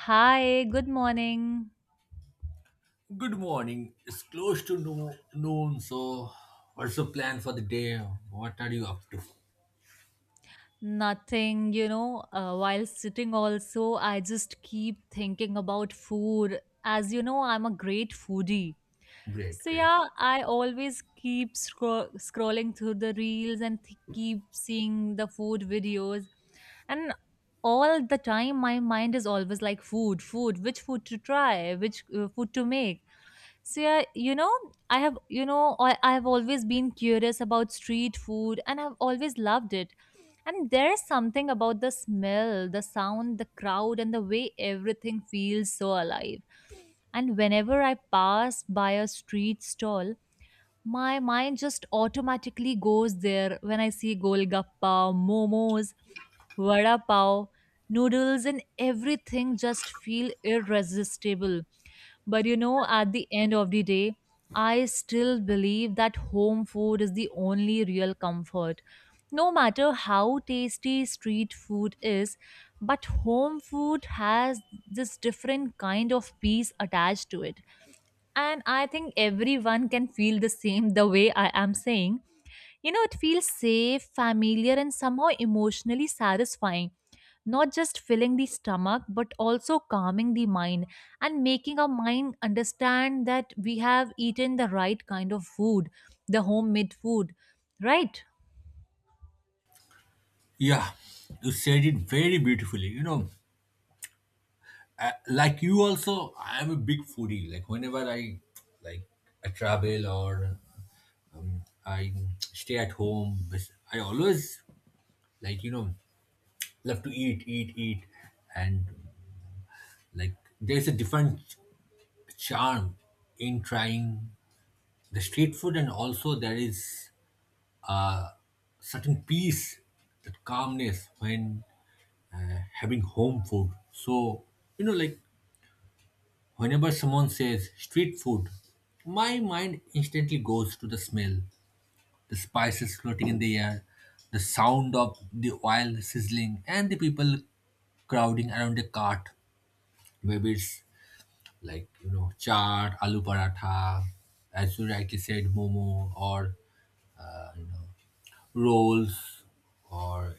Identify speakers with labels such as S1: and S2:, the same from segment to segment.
S1: Hi, good morning.
S2: Good morning. It's close to noon, so what's the plan for the day? What are you up to?
S1: Nothing, while sitting also, I just keep thinking about food. As you know, I'm a great foodie.
S2: Great,
S1: So
S2: great.
S1: yeah, I always keep scrolling through the reels and keep seeing the food videos. And all the time, my mind is always like food, food, which food to try, which food to make. So yeah, I have I have always been curious about street food and I've always loved it. And there's something about the smell, the sound, the crowd and the way everything feels so alive. And whenever I pass by a street stall, my mind just automatically goes there when I see golgappa, momos, vada pav, noodles, and everything just feel irresistible. But at the end of the day, I still believe that home food is the only real comfort. No matter how tasty street food is, but home food has this different kind of peace attached to it, and I think everyone can feel the same the way I am saying. You know, it feels safe, familiar, and somehow emotionally satisfying, not just filling the stomach but also calming the mind, and making our mind understand that we have eaten the right kind of food, the homemade food, right?
S2: Yeah, you said it very beautifully. You know, I, like you also, I am a big foodie. Like like, I travel or I stay at home, I always like you know love to eat, eat, eat, and like there's a different charm in trying the street food, and also there is uh, certain peace, that calmness when having home food. So, you know, like whenever someone says street food, my mind instantly goes to the smell, the spices floating in the air, the sound of the oil sizzling, and the people crowding around the cart. Maybe it's like, you know, chaat, aloo paratha, as you rightly said, momo, or, you know, rolls or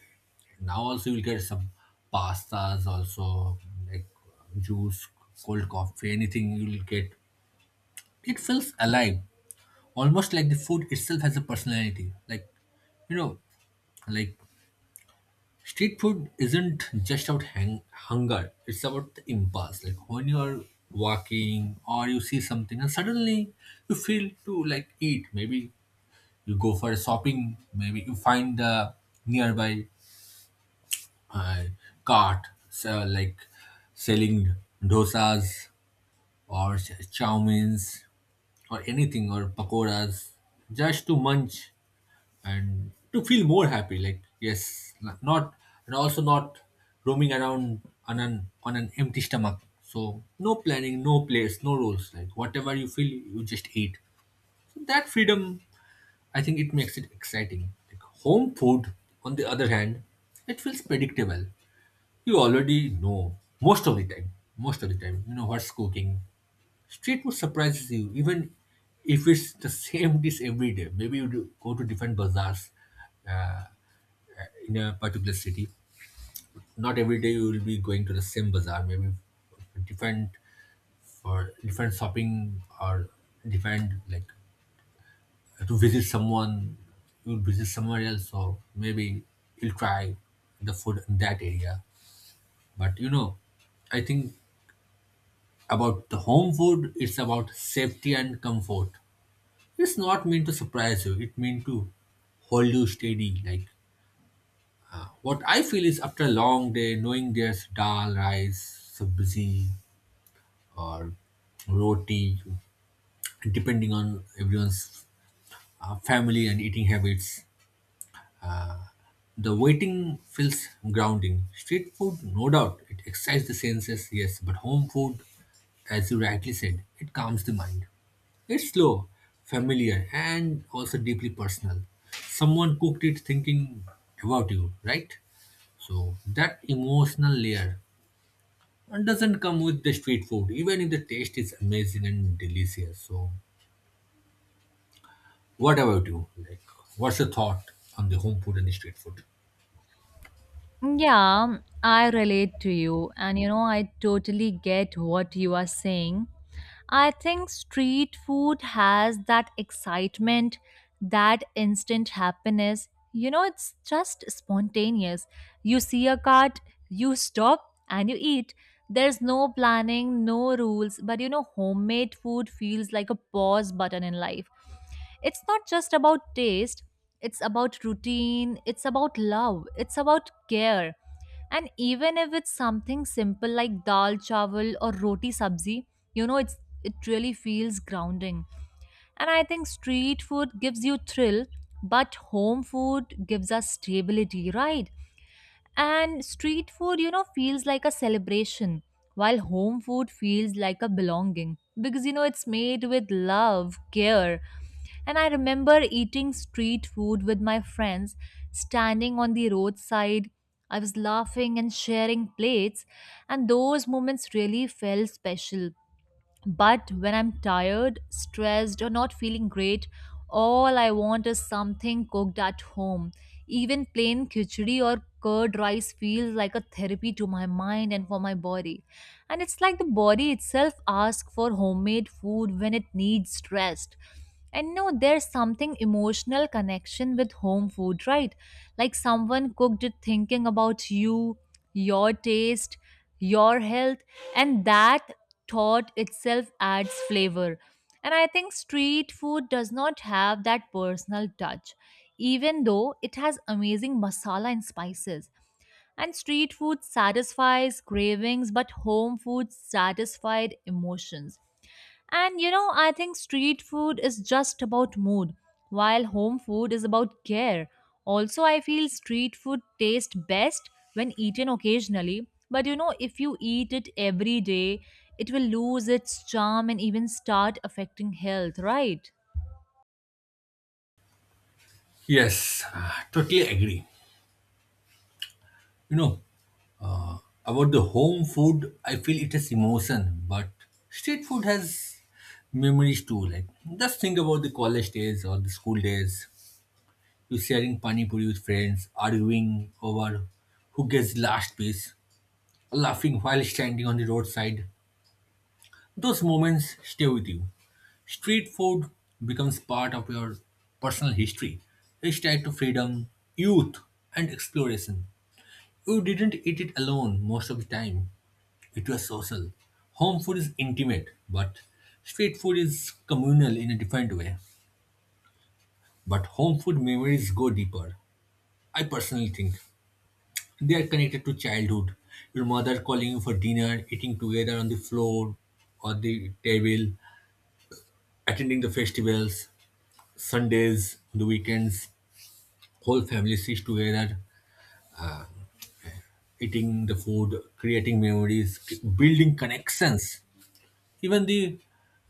S2: now also you'll get some pastas also, like juice, cold coffee, anything you'll get. It feels alive, almost like the food itself has a personality, you know like street food isn't just about hunger. It's about the impulse, like when you're walking or you see something and suddenly you feel to like eat. Maybe you go for a shopping, maybe you find the nearby uh, cart so like selling dosas or chow mains or anything or pakoras, just to munch and to feel more happy, like yes, not, and also not roaming around on an empty stomach. So no planning, no place, no rules, like whatever you feel, you just eat. So that freedom, I think it makes it exciting. Like home food, on the other hand, it feels predictable. You already know most of the time. Most of the time, you know what's cooking. Street food surprises you, even if it's the same dish every day. Maybe you do, go to different bazaars, uh, in a particular city. Not every day you will be going to the same bazaar. Maybe different for different shopping or different, like to visit someone. You'll visit somewhere else, or maybe you'll try the food in that area. But you know, I think about the home food, it's about safety and comfort. It's not meant to surprise you, it meant to hold you steady. Like what I feel is after a long day, knowing there's dal, rice, sabzi, or roti, depending on everyone's family and eating habits, the waiting feels grounding. Street food, no doubt, it excites the senses, yes, but home food, as you rightly said, it calms the mind. It's slow, familiar, and also deeply personal. Someone cooked it thinking about you, right? So that emotional layer doesn't come with the street food, even if the taste is amazing and delicious. So, what about you? Like, what's your thought on the home food and the street food?
S1: Mm, yeah, I relate to you, and I totally get what you are saying. I think street food has that excitement, that instant happiness. You know, it's just spontaneous. You see a cart, you stop, and you eat. There's no planning, no rules, but homemade food feels like a pause button in life. It's not just about taste, it's about routine, it's about love, it's about care. And even if it's something simple like dal chawal or roti sabzi, you know, it's it really feels grounding. And I think street food gives you thrill, but home food gives us stability, right? And street food, feels like a celebration, while home food feels like a belonging because, it's made with love, care. And I remember eating street food with my friends, standing on the roadside. I was laughing and sharing plates, and those moments really felt special, but when I'm tired, stressed, or not feeling great, all I want is something cooked at home. Even plain khichdi or curd rice feels like a therapy to my mind and for my body. And it's like the body itself asks for homemade food when it needs rest. And no, there's something emotional connection with home food, right? Like someone cooked it thinking about you, your taste, your health, and that thought itself adds flavor. And I think street food does not have that personal touch, even though it has amazing masala and spices. And street food satisfies cravings but home food satisfied emotions. And I think street food is just about mood, while home food is about care. Also, I feel street food tastes best when eaten occasionally, but if you eat it every day, it will lose its charm and even start affecting health, right?
S2: Yes, totally agree. You know, about the home food, I feel it has emotion, but street food has memories too. Like, just think about the college days or the school days. You sharing pani puri with friends, arguing over who gets last piece, laughing while standing on the roadside. Those moments stay with you. Street food becomes part of your personal history. It's tied to freedom, youth, and exploration. You didn't eat it alone most of the time. It was social. Home food is intimate, but street food is communal in a different way. But home food memories go deeper. I personally think they are connected to childhood. Your mother calling you for dinner, eating together on the floor or the table, attending the festivals, Sundays, the weekends, whole family sits together, eating the food, creating memories, building connections. Even the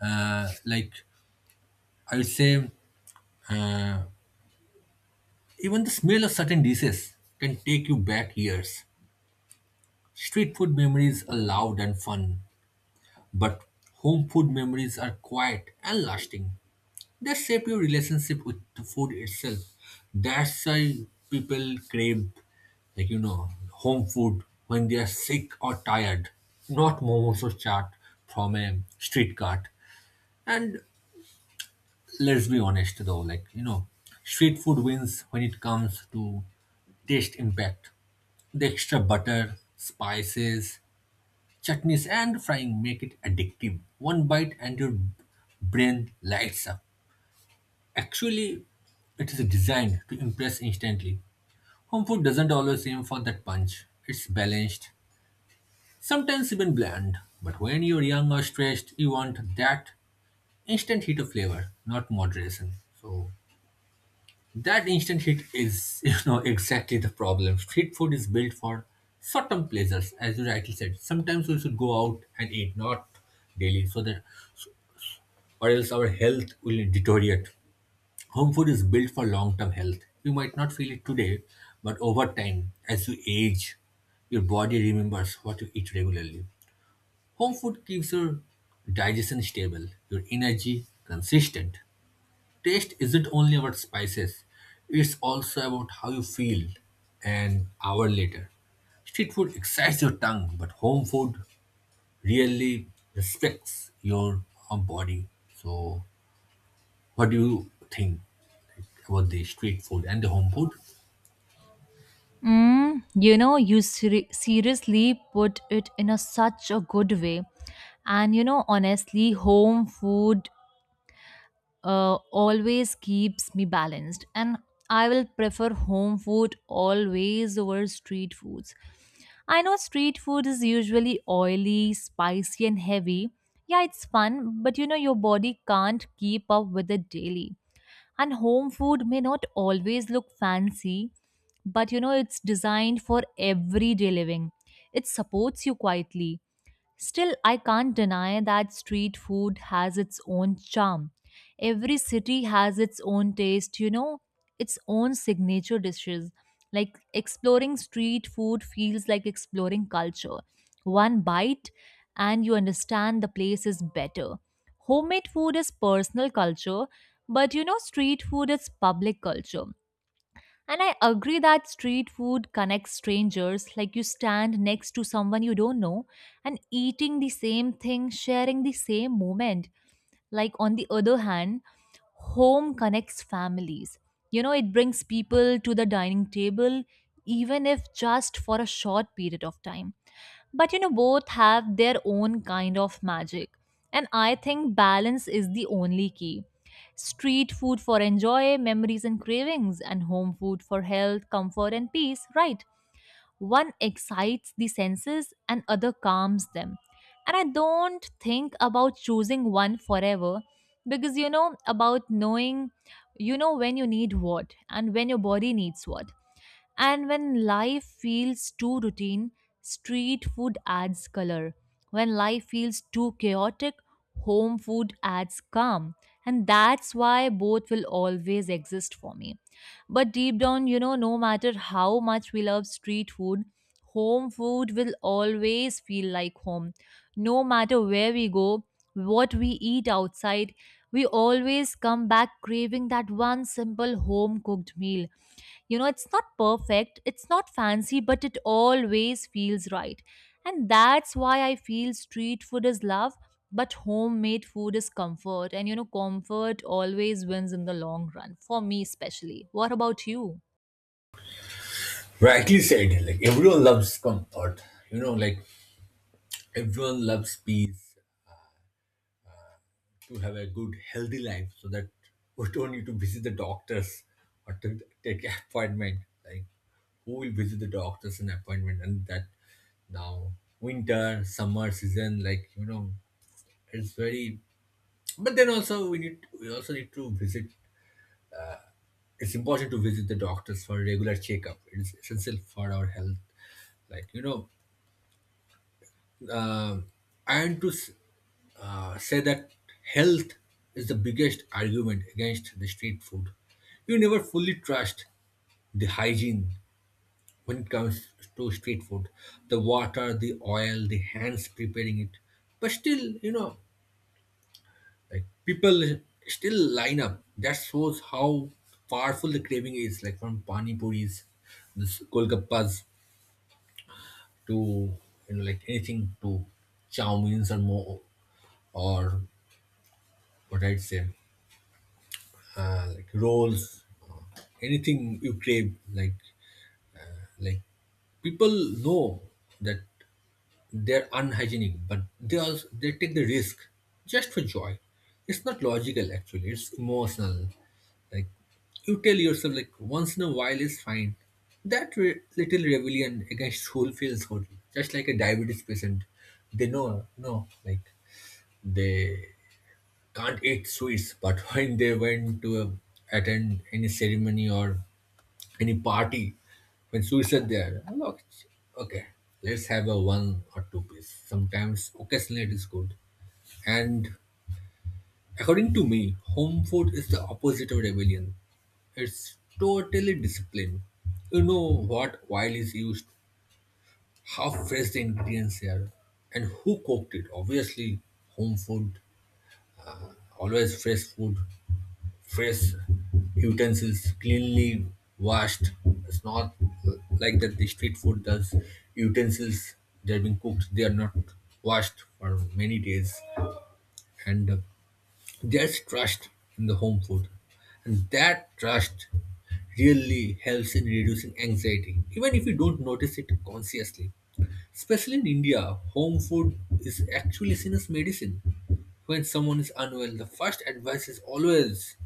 S2: like I would say uh, even the smell of certain dishes can take you back years. Street food memories are loud and fun, but home food memories are quiet and lasting. They shape your relationship with the food itself. That's why people crave, like you know, home food when they are sick or tired, not momos or chaat from a street cart. And let's be honest though, like, you know, street food wins when it comes to taste impact. The extra butter, spices, chutneys, and frying make it addictive. One bite and your brain lights up. Actually, it is designed to impress instantly. Home food doesn't always aim for that punch, it's balanced, sometimes even bland. But when you're young or stressed, you want that instant hit of flavor, not moderation. So, that instant hit is, you know, exactly the problem. Street food is built for short-term pleasures, as you rightly said. Sometimes we should go out and eat, not daily, so that or else our health will deteriorate. Home food is built for long-term health. You might not feel it today, but over time, as you age, your body remembers what you eat regularly. Home food keeps your digestion stable, your energy consistent, taste isn't only about spices, it's also about how you feel an hour later. Street food excites your tongue, but home food really respects your body. So, what do you think about the street food and the home food?
S1: Mm, you know, you seriously put it in a such a good way. And honestly, home food always keeps me balanced, and I will prefer home food always over street foods. I know street food is usually oily, spicy, and heavy. Yeah, it's fun, but your body can't keep up with it daily. And home food may not always look fancy, but it's designed for everyday living. It supports you quietly. Still, I can't deny that street food has its own charm. Every city has its own taste, its own signature dishes. Like exploring street food feels like exploring culture. One bite and you understand the place is better. Homemade food is personal culture, but street food is public culture. And I agree that street food connects strangers, like you stand next to someone you don't know and eating the same thing, sharing the same moment. Like, on the other hand, home connects families. You know, it brings people to the dining table, even if just for a short period of time. But both have their own kind of magic. And I think balance is the only key. Street food for enjoy, memories and cravings, and home food for health, comfort, and peace, right? One excites the senses and other calms them. And I don't think about choosing one forever because about knowing, when you need what and when your body needs what. And when life feels too routine, street food adds color. When life feels too chaotic, home food adds calm. And that's why both will always exist for me. But deep down, no matter how much we love street food, home food will always feel like home. No matter where we go, what we eat outside, we always come back craving that one simple home cooked meal. It's not perfect, it's not fancy, but it always feels right. And that's why I feel street food is love, but homemade food is comfort. And comfort always wins in the long run, for me especially. What about you?
S2: Rightly said, like everyone loves comfort, you know, like everyone loves peace to have a good healthy life, so that we don't need to visit the doctors or to take an appointment. Like who will visit the doctors and appointment, and that now winter summer season, like you know it's very, but then also we also need to visit. It's important to visit the doctors for regular checkup, it's essential for our health, like you know. Um and to say that health is the biggest argument against the street food. You never fully trust the hygiene when it comes to street food, the water, the oil, the hands preparing it. But still you know, like people still line up. That shows how powerful the craving is, like from pani puris, this golgappas, to you know, like anything to chow means or more, or what I'd say, like rolls, anything you crave. Like people know that they're unhygienic, but they also they take the risk just for joy. It's not logical actually. It's emotional. Like you tell yourself like once in a while is fine. That little rebellion against rule feels horrible. Just like a diabetes patient, they know, no like they can't eat sweets, but when they went to attend any ceremony or any party, when sweets are there, I'm like, okay, let's have a one or two piece. Sometimes, occasionally, it is good. And according to me, home food is the opposite of rebellion. It's totally disciplined. You know what oil is used, how fresh the ingredients are, and who cooked it. Obviously, home food, always fresh food. Fresh utensils, cleanly washed. It's not like that the street food does. Utensils, they're being cooked, they are not washed for many days. And there's trust in the home food. And that trust really helps in reducing anxiety, even if you don't notice it consciously. Especially in India, home food is actually seen as medicine. When someone is unwell, the first advice is always,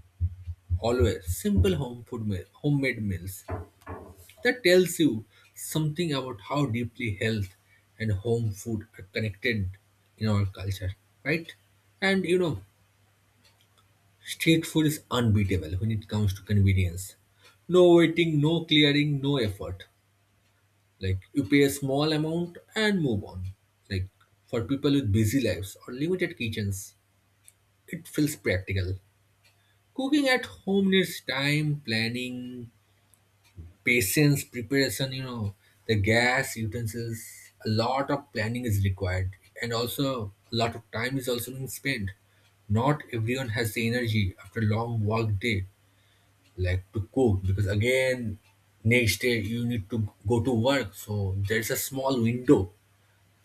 S2: always simple home food meal, homemade meals. That tells you something about how deeply health and home food are connected in our culture, right? And you know, street food is unbeatable when it comes to convenience. No waiting, no clearing, no effort. Like you pay a small amount and move on. Like for people with busy lives or limited kitchens, it feels practical. Cooking at home needs time, planning, patience, preparation, you know, the gas, utensils, a lot of planning is required. And also, a lot of time is also being spent. Not everyone has the energy after a long work day, like to cook, because again, next day you need to go to work. So, there's a small window.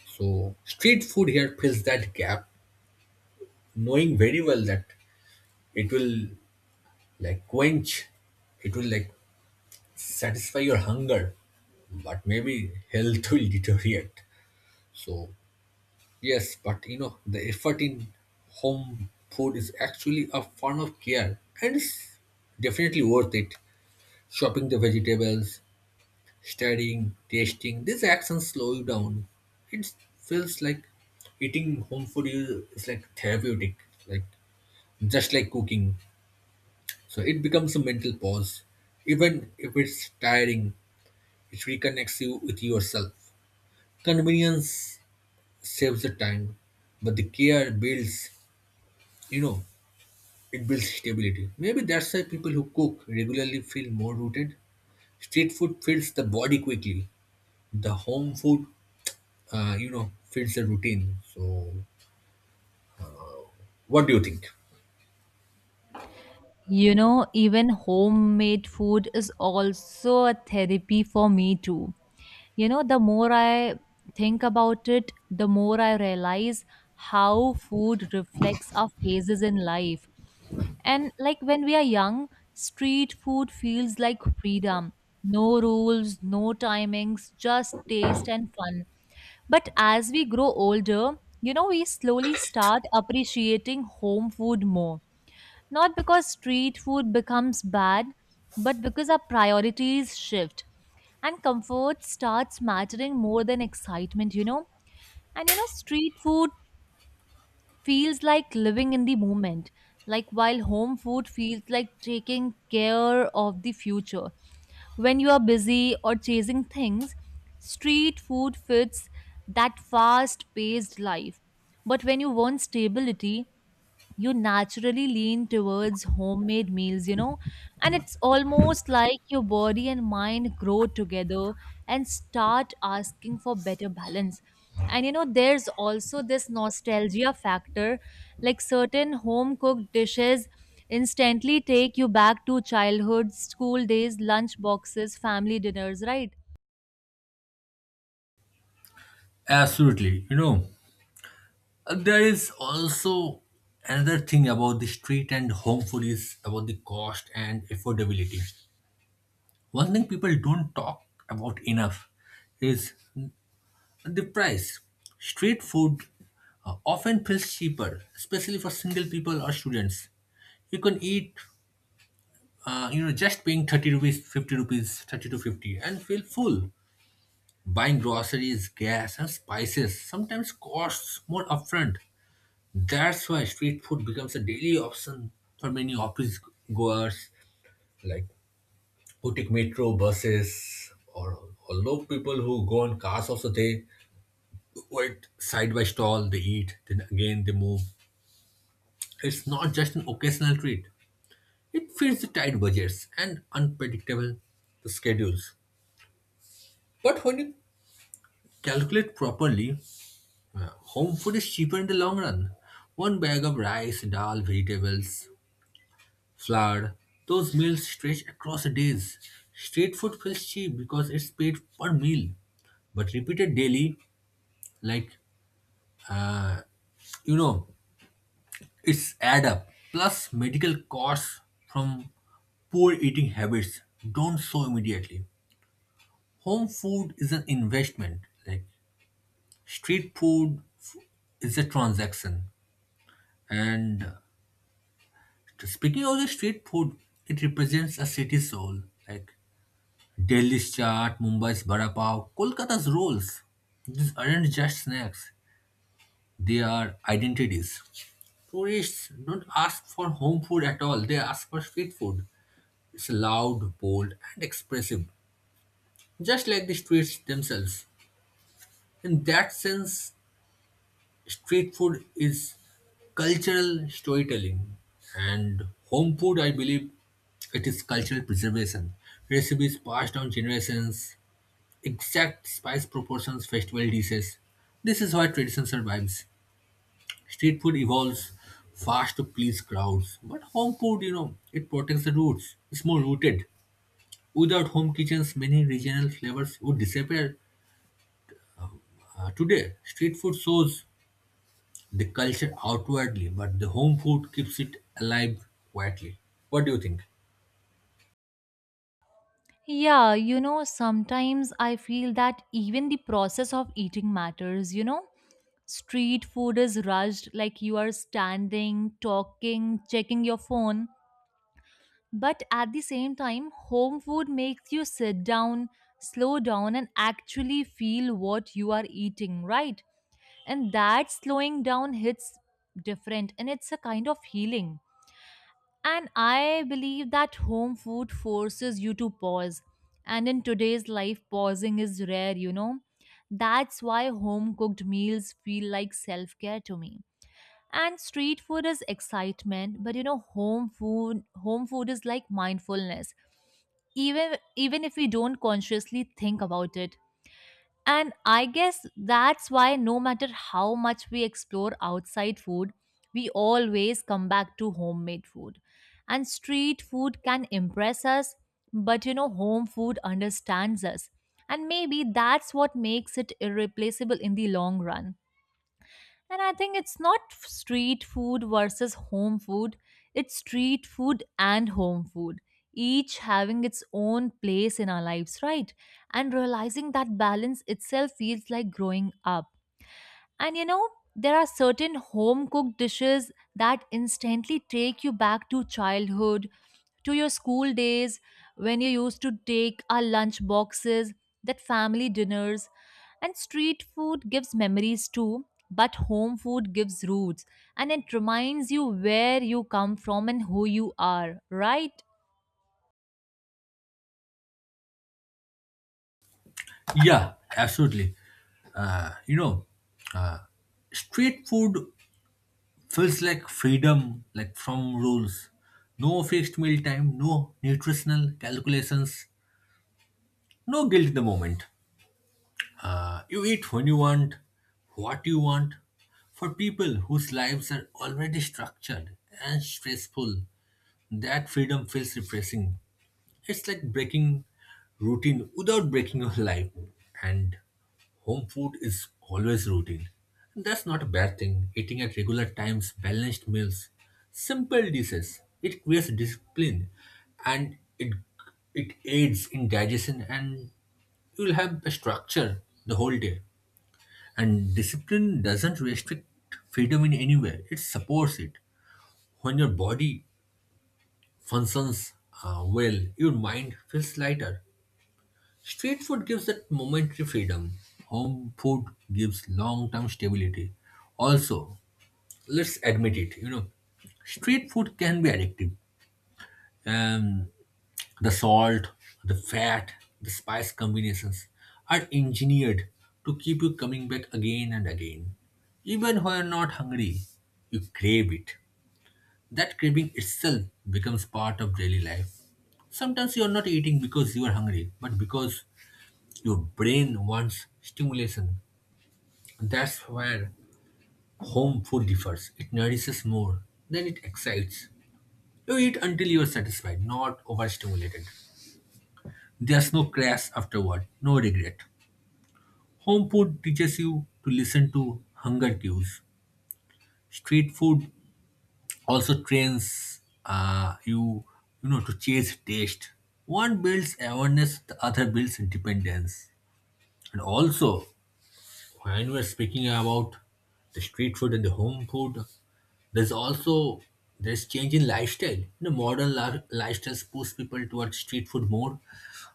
S2: So, street food here fills that gap, knowing very well that it will like quench, it will like satisfy your hunger, but maybe health will deteriorate. So, yes, but you know, the effort in home food is actually a form of care and it's definitely worth it. Chopping the vegetables, stirring, tasting, these actions slow you down. It feels like eating home food is like therapeutic, like just like cooking. So, it becomes a mental pause. Even if it's tiring, it reconnects you with yourself. Convenience saves the time, but the care builds, you know, it builds stability. Maybe that's why people who cook regularly feel more rooted. Street food fills the body quickly. The home food, you know, fills the routine. So, what do you think?
S1: You know, even homemade food is also a therapy for me too. You know, the more I think about it, the more I realize how food reflects our phases in life. And like when we are young, street food feels like freedom. No rules, no timings, just taste and fun. But as we grow older, we slowly start appreciating home food more, not because street food becomes bad, but because our priorities shift and comfort starts mattering more than excitement, you know. And street food feels like living in the moment, like while home food feels like taking care of the future. When you are busy or chasing things, street food fits that fast paced life. But when you want stability, you naturally lean towards homemade meals, and it's almost like your body and mind grow together and start asking for better balance. And there's also this nostalgia factor, like certain home cooked dishes instantly take you back to childhood, school days, lunch boxes, family dinners, right?
S2: Absolutely. You know, there is also another thing about the street and home food is about the cost and affordability. One thing people don't talk about enough is the price. Street food often feels cheaper, especially for single people or students. You can eat, just paying 30 rupees, 50 rupees, 30 to 50 and feel full. Buying groceries, gas and spices sometimes costs more upfront. That's why street food becomes a daily option for many office goers like who take metro buses or low people who go on cars also they quite side by stall, they eat, then again they move. It's not just an occasional treat. It fits the tight budgets and unpredictable schedules. But when you calculate properly, home food is cheaper in the long run. One bag of rice, dal, vegetables, flour, those meals stretch across days. Street food feels cheap because it's paid per meal but repeated daily like you know it's add up. Plus medical costs from poor eating habits don't show immediately. Home food is an investment. Like street food is a transaction. And speaking of the street food, it represents a city's soul. Like Delhi's chaat, Mumbai's vada pav, Kolkata's rolls. These aren't just snacks. They are identities. Tourists don't ask for home food at all. They ask for street food. It's loud, bold, and expressive, just like the streets themselves. In that sense, street food is cultural storytelling, and home food, I believe, it is cultural preservation. Recipes passed down generations, exact spice proportions, festival dishes. This is why tradition survives. Street food evolves fast to please crowds, but home food, it protects the roots. It's more rooted. Without home kitchens, many regional flavors would disappear. Today, street food shows the culture outwardly, but the home food keeps it alive quietly. What do you think?
S1: Yeah, you know, sometimes I feel that even the process of eating matters, you know? Street food is rushed, like you are standing, talking, checking your phone. But at the same time, home food makes you sit down, slow down, and actually feel what you are eating, right? And that slowing down hits different, and it's a kind of healing. And I believe that home food forces you to pause. And in today's life, pausing is rare, you know. That's why home cooked meals feel like self care to me, and street food is excitement, but home food is like mindfulness, even if we don't consciously think about it. And I guess that's why no matter how much we explore outside food, we always come back to homemade food. And street food can impress us, but home food understands us, and maybe that's what makes it irreplaceable in the long run. And I think it's not street food versus home food, it's street food and home food, each having its own place in our lives, right? And realizing that balance itself feels like growing up. And there are certain home cooked dishes that instantly take you back to childhood, to your school days when you used to take our lunch boxes, that family dinners. And street food gives memories too, but home food gives roots, and it reminds you where you come from and who you are, right?
S2: Yeah, absolutely. You know, street food feels like freedom, like from rules. No fixed meal time, no nutritional calculations, no guilt in the moment. You eat when you want, what you want. For people whose lives are already structured and stressful, that freedom feels refreshing. It's like breaking routine without breaking your life. And home food is always routine. That's not a bad thing. Eating at regular times, balanced meals, simple dishes. It creates discipline and it aids in digestion and you'll have a structure the whole day. And discipline doesn't restrict freedom in any way, it supports it. When your body functions well, your mind feels lighter. Street food gives that momentary freedom, home food gives long term stability. Also, let's admit it, you know, street food can be addictive. Um, The salt, the fat, the spice combinations are engineered to keep you coming back again and again. Even when you're not hungry, you crave it. That craving itself becomes part of daily life. Sometimes you're not eating because you are hungry, but because your brain wants stimulation. That's where home food differs. It nourishes more than it excites. You eat until you are satisfied, not overstimulated. There's no crash afterward, no regret. Home food teaches you to listen to hunger cues. Street food also trains you, you know, to chase taste. One builds awareness, the other builds independence. And also, when we're speaking about the street food and the home food, there's also there's change in lifestyle. You know, modern lifestyles push people towards street food more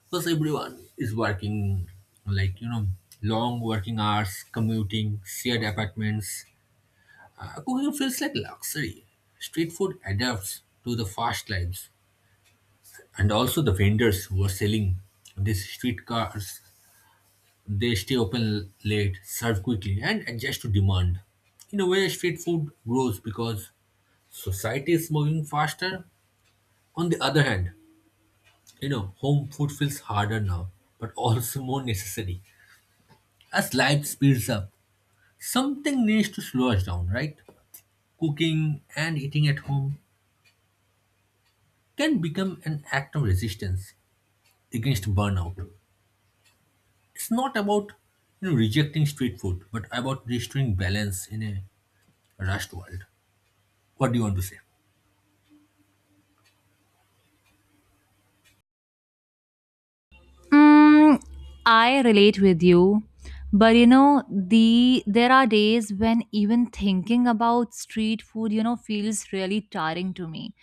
S2: because everyone is working, like you know, long working hours, commuting, shared apartments. Cooking feels like luxury. Street food adapts to the fast lives, and also the vendors who are selling these street cars they stay open late, serve quickly, and adjust to demand. In a way, street food grows because society is moving faster. On the other hand, you know, home food feels harder now, but also more necessary. As life speeds up, something needs to slow us down, right? Cooking and eating at home can become an act of resistance against burnout. It's not about you know, rejecting street food, but about restoring balance in a rushed world. What do you want to say?
S1: Mm, I relate with you, but you know, there are days when even thinking about street food, feels really tiring to me.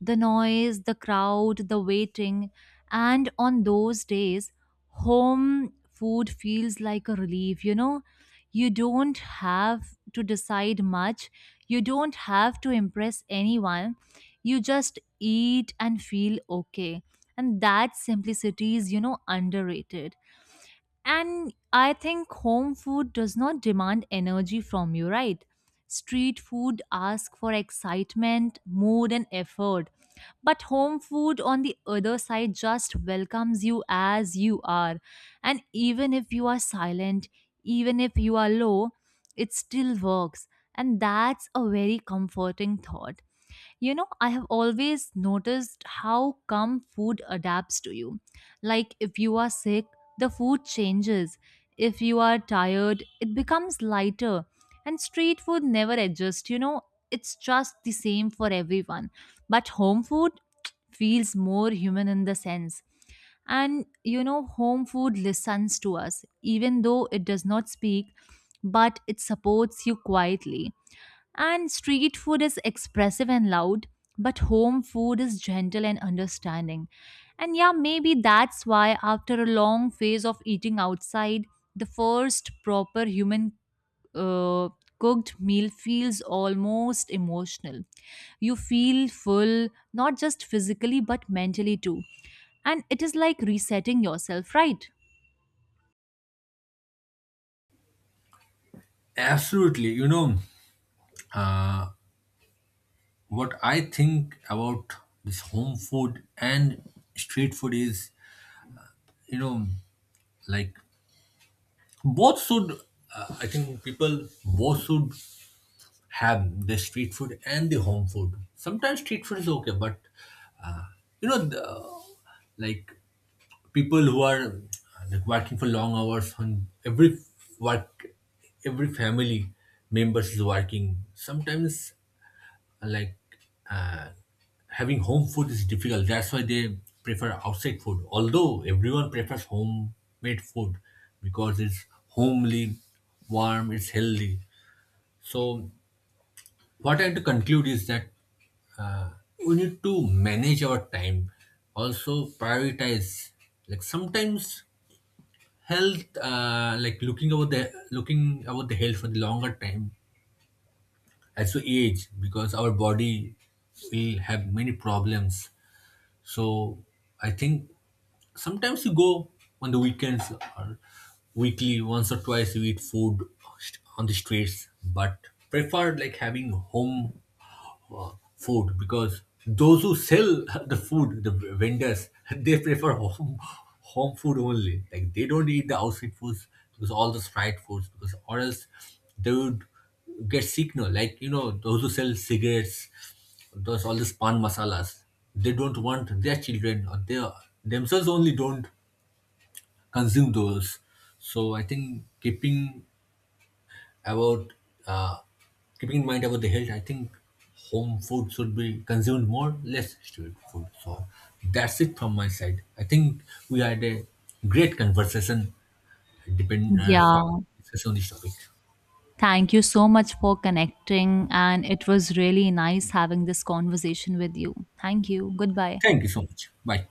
S1: The noise, the crowd, the waiting, and on those days, home food feels like a relief. You know, you don't have to decide much. You don't have to impress anyone. You just eat and feel okay, and that simplicity is, underrated. And I think home food does not demand energy from you, right? Street food asks for excitement, mood, and effort, but home food on the other side just welcomes you as you are. And even if you are silent, even if you are low, it still works, and that's a very comforting thought. You know, I have always noticed how come food adapts to you. Like if you are sick, the food changes. If you are tired, it becomes lighter. And street food never adjusts, it's just the same for everyone. But home food feels more human in the sense. And home food listens to us, even though it does not speak, but it supports you quietly. And street food is expressive and loud, but home food is gentle and understanding. And yeah, maybe that's why after a long phase of eating outside, the first proper human uh, cooked meal feels almost emotional. You feel full, not just physically, but mentally too. And it is like resetting yourself, right?
S2: Absolutely. You know, what I think about this home food and street food is, you know, like both should, I think people both should have the street food and the home food. Sometimes street food is okay, but, uh, you know, the, like people who are like working for long hours on every work, every family members is working. Sometimes like uh, having home food is difficult. That's why they prefer outside food. Although everyone prefers homemade food because it's homely, warm, it's healthy. So what I have to conclude is that uh, we need to manage our time. Also prioritize. Like sometimes health, like looking about the health for the longer time as we age, because our body will have many problems. So I think sometimes you go on the weekends or weekly, once or twice you eat food on the streets, but prefer like having home food because those who sell the food, the vendors, they prefer home food only. Like they don't eat the outside foods because all the fried foods because or else they would get sick. No, like you know those who sell cigarettes, those all these pan masalas, they don't want their children or they themselves only don't consume those. So I think about uh, keeping in mind about the health, I think home food should be consumed more, less street food. So that's it from my side. I think we had a great conversation, depend
S1: Yeah.
S2: talk, discussion on this topic.
S1: Thank you so much for connecting, and it was really nice having this conversation with you. Thank you. Goodbye.
S2: Thank you so much. Bye.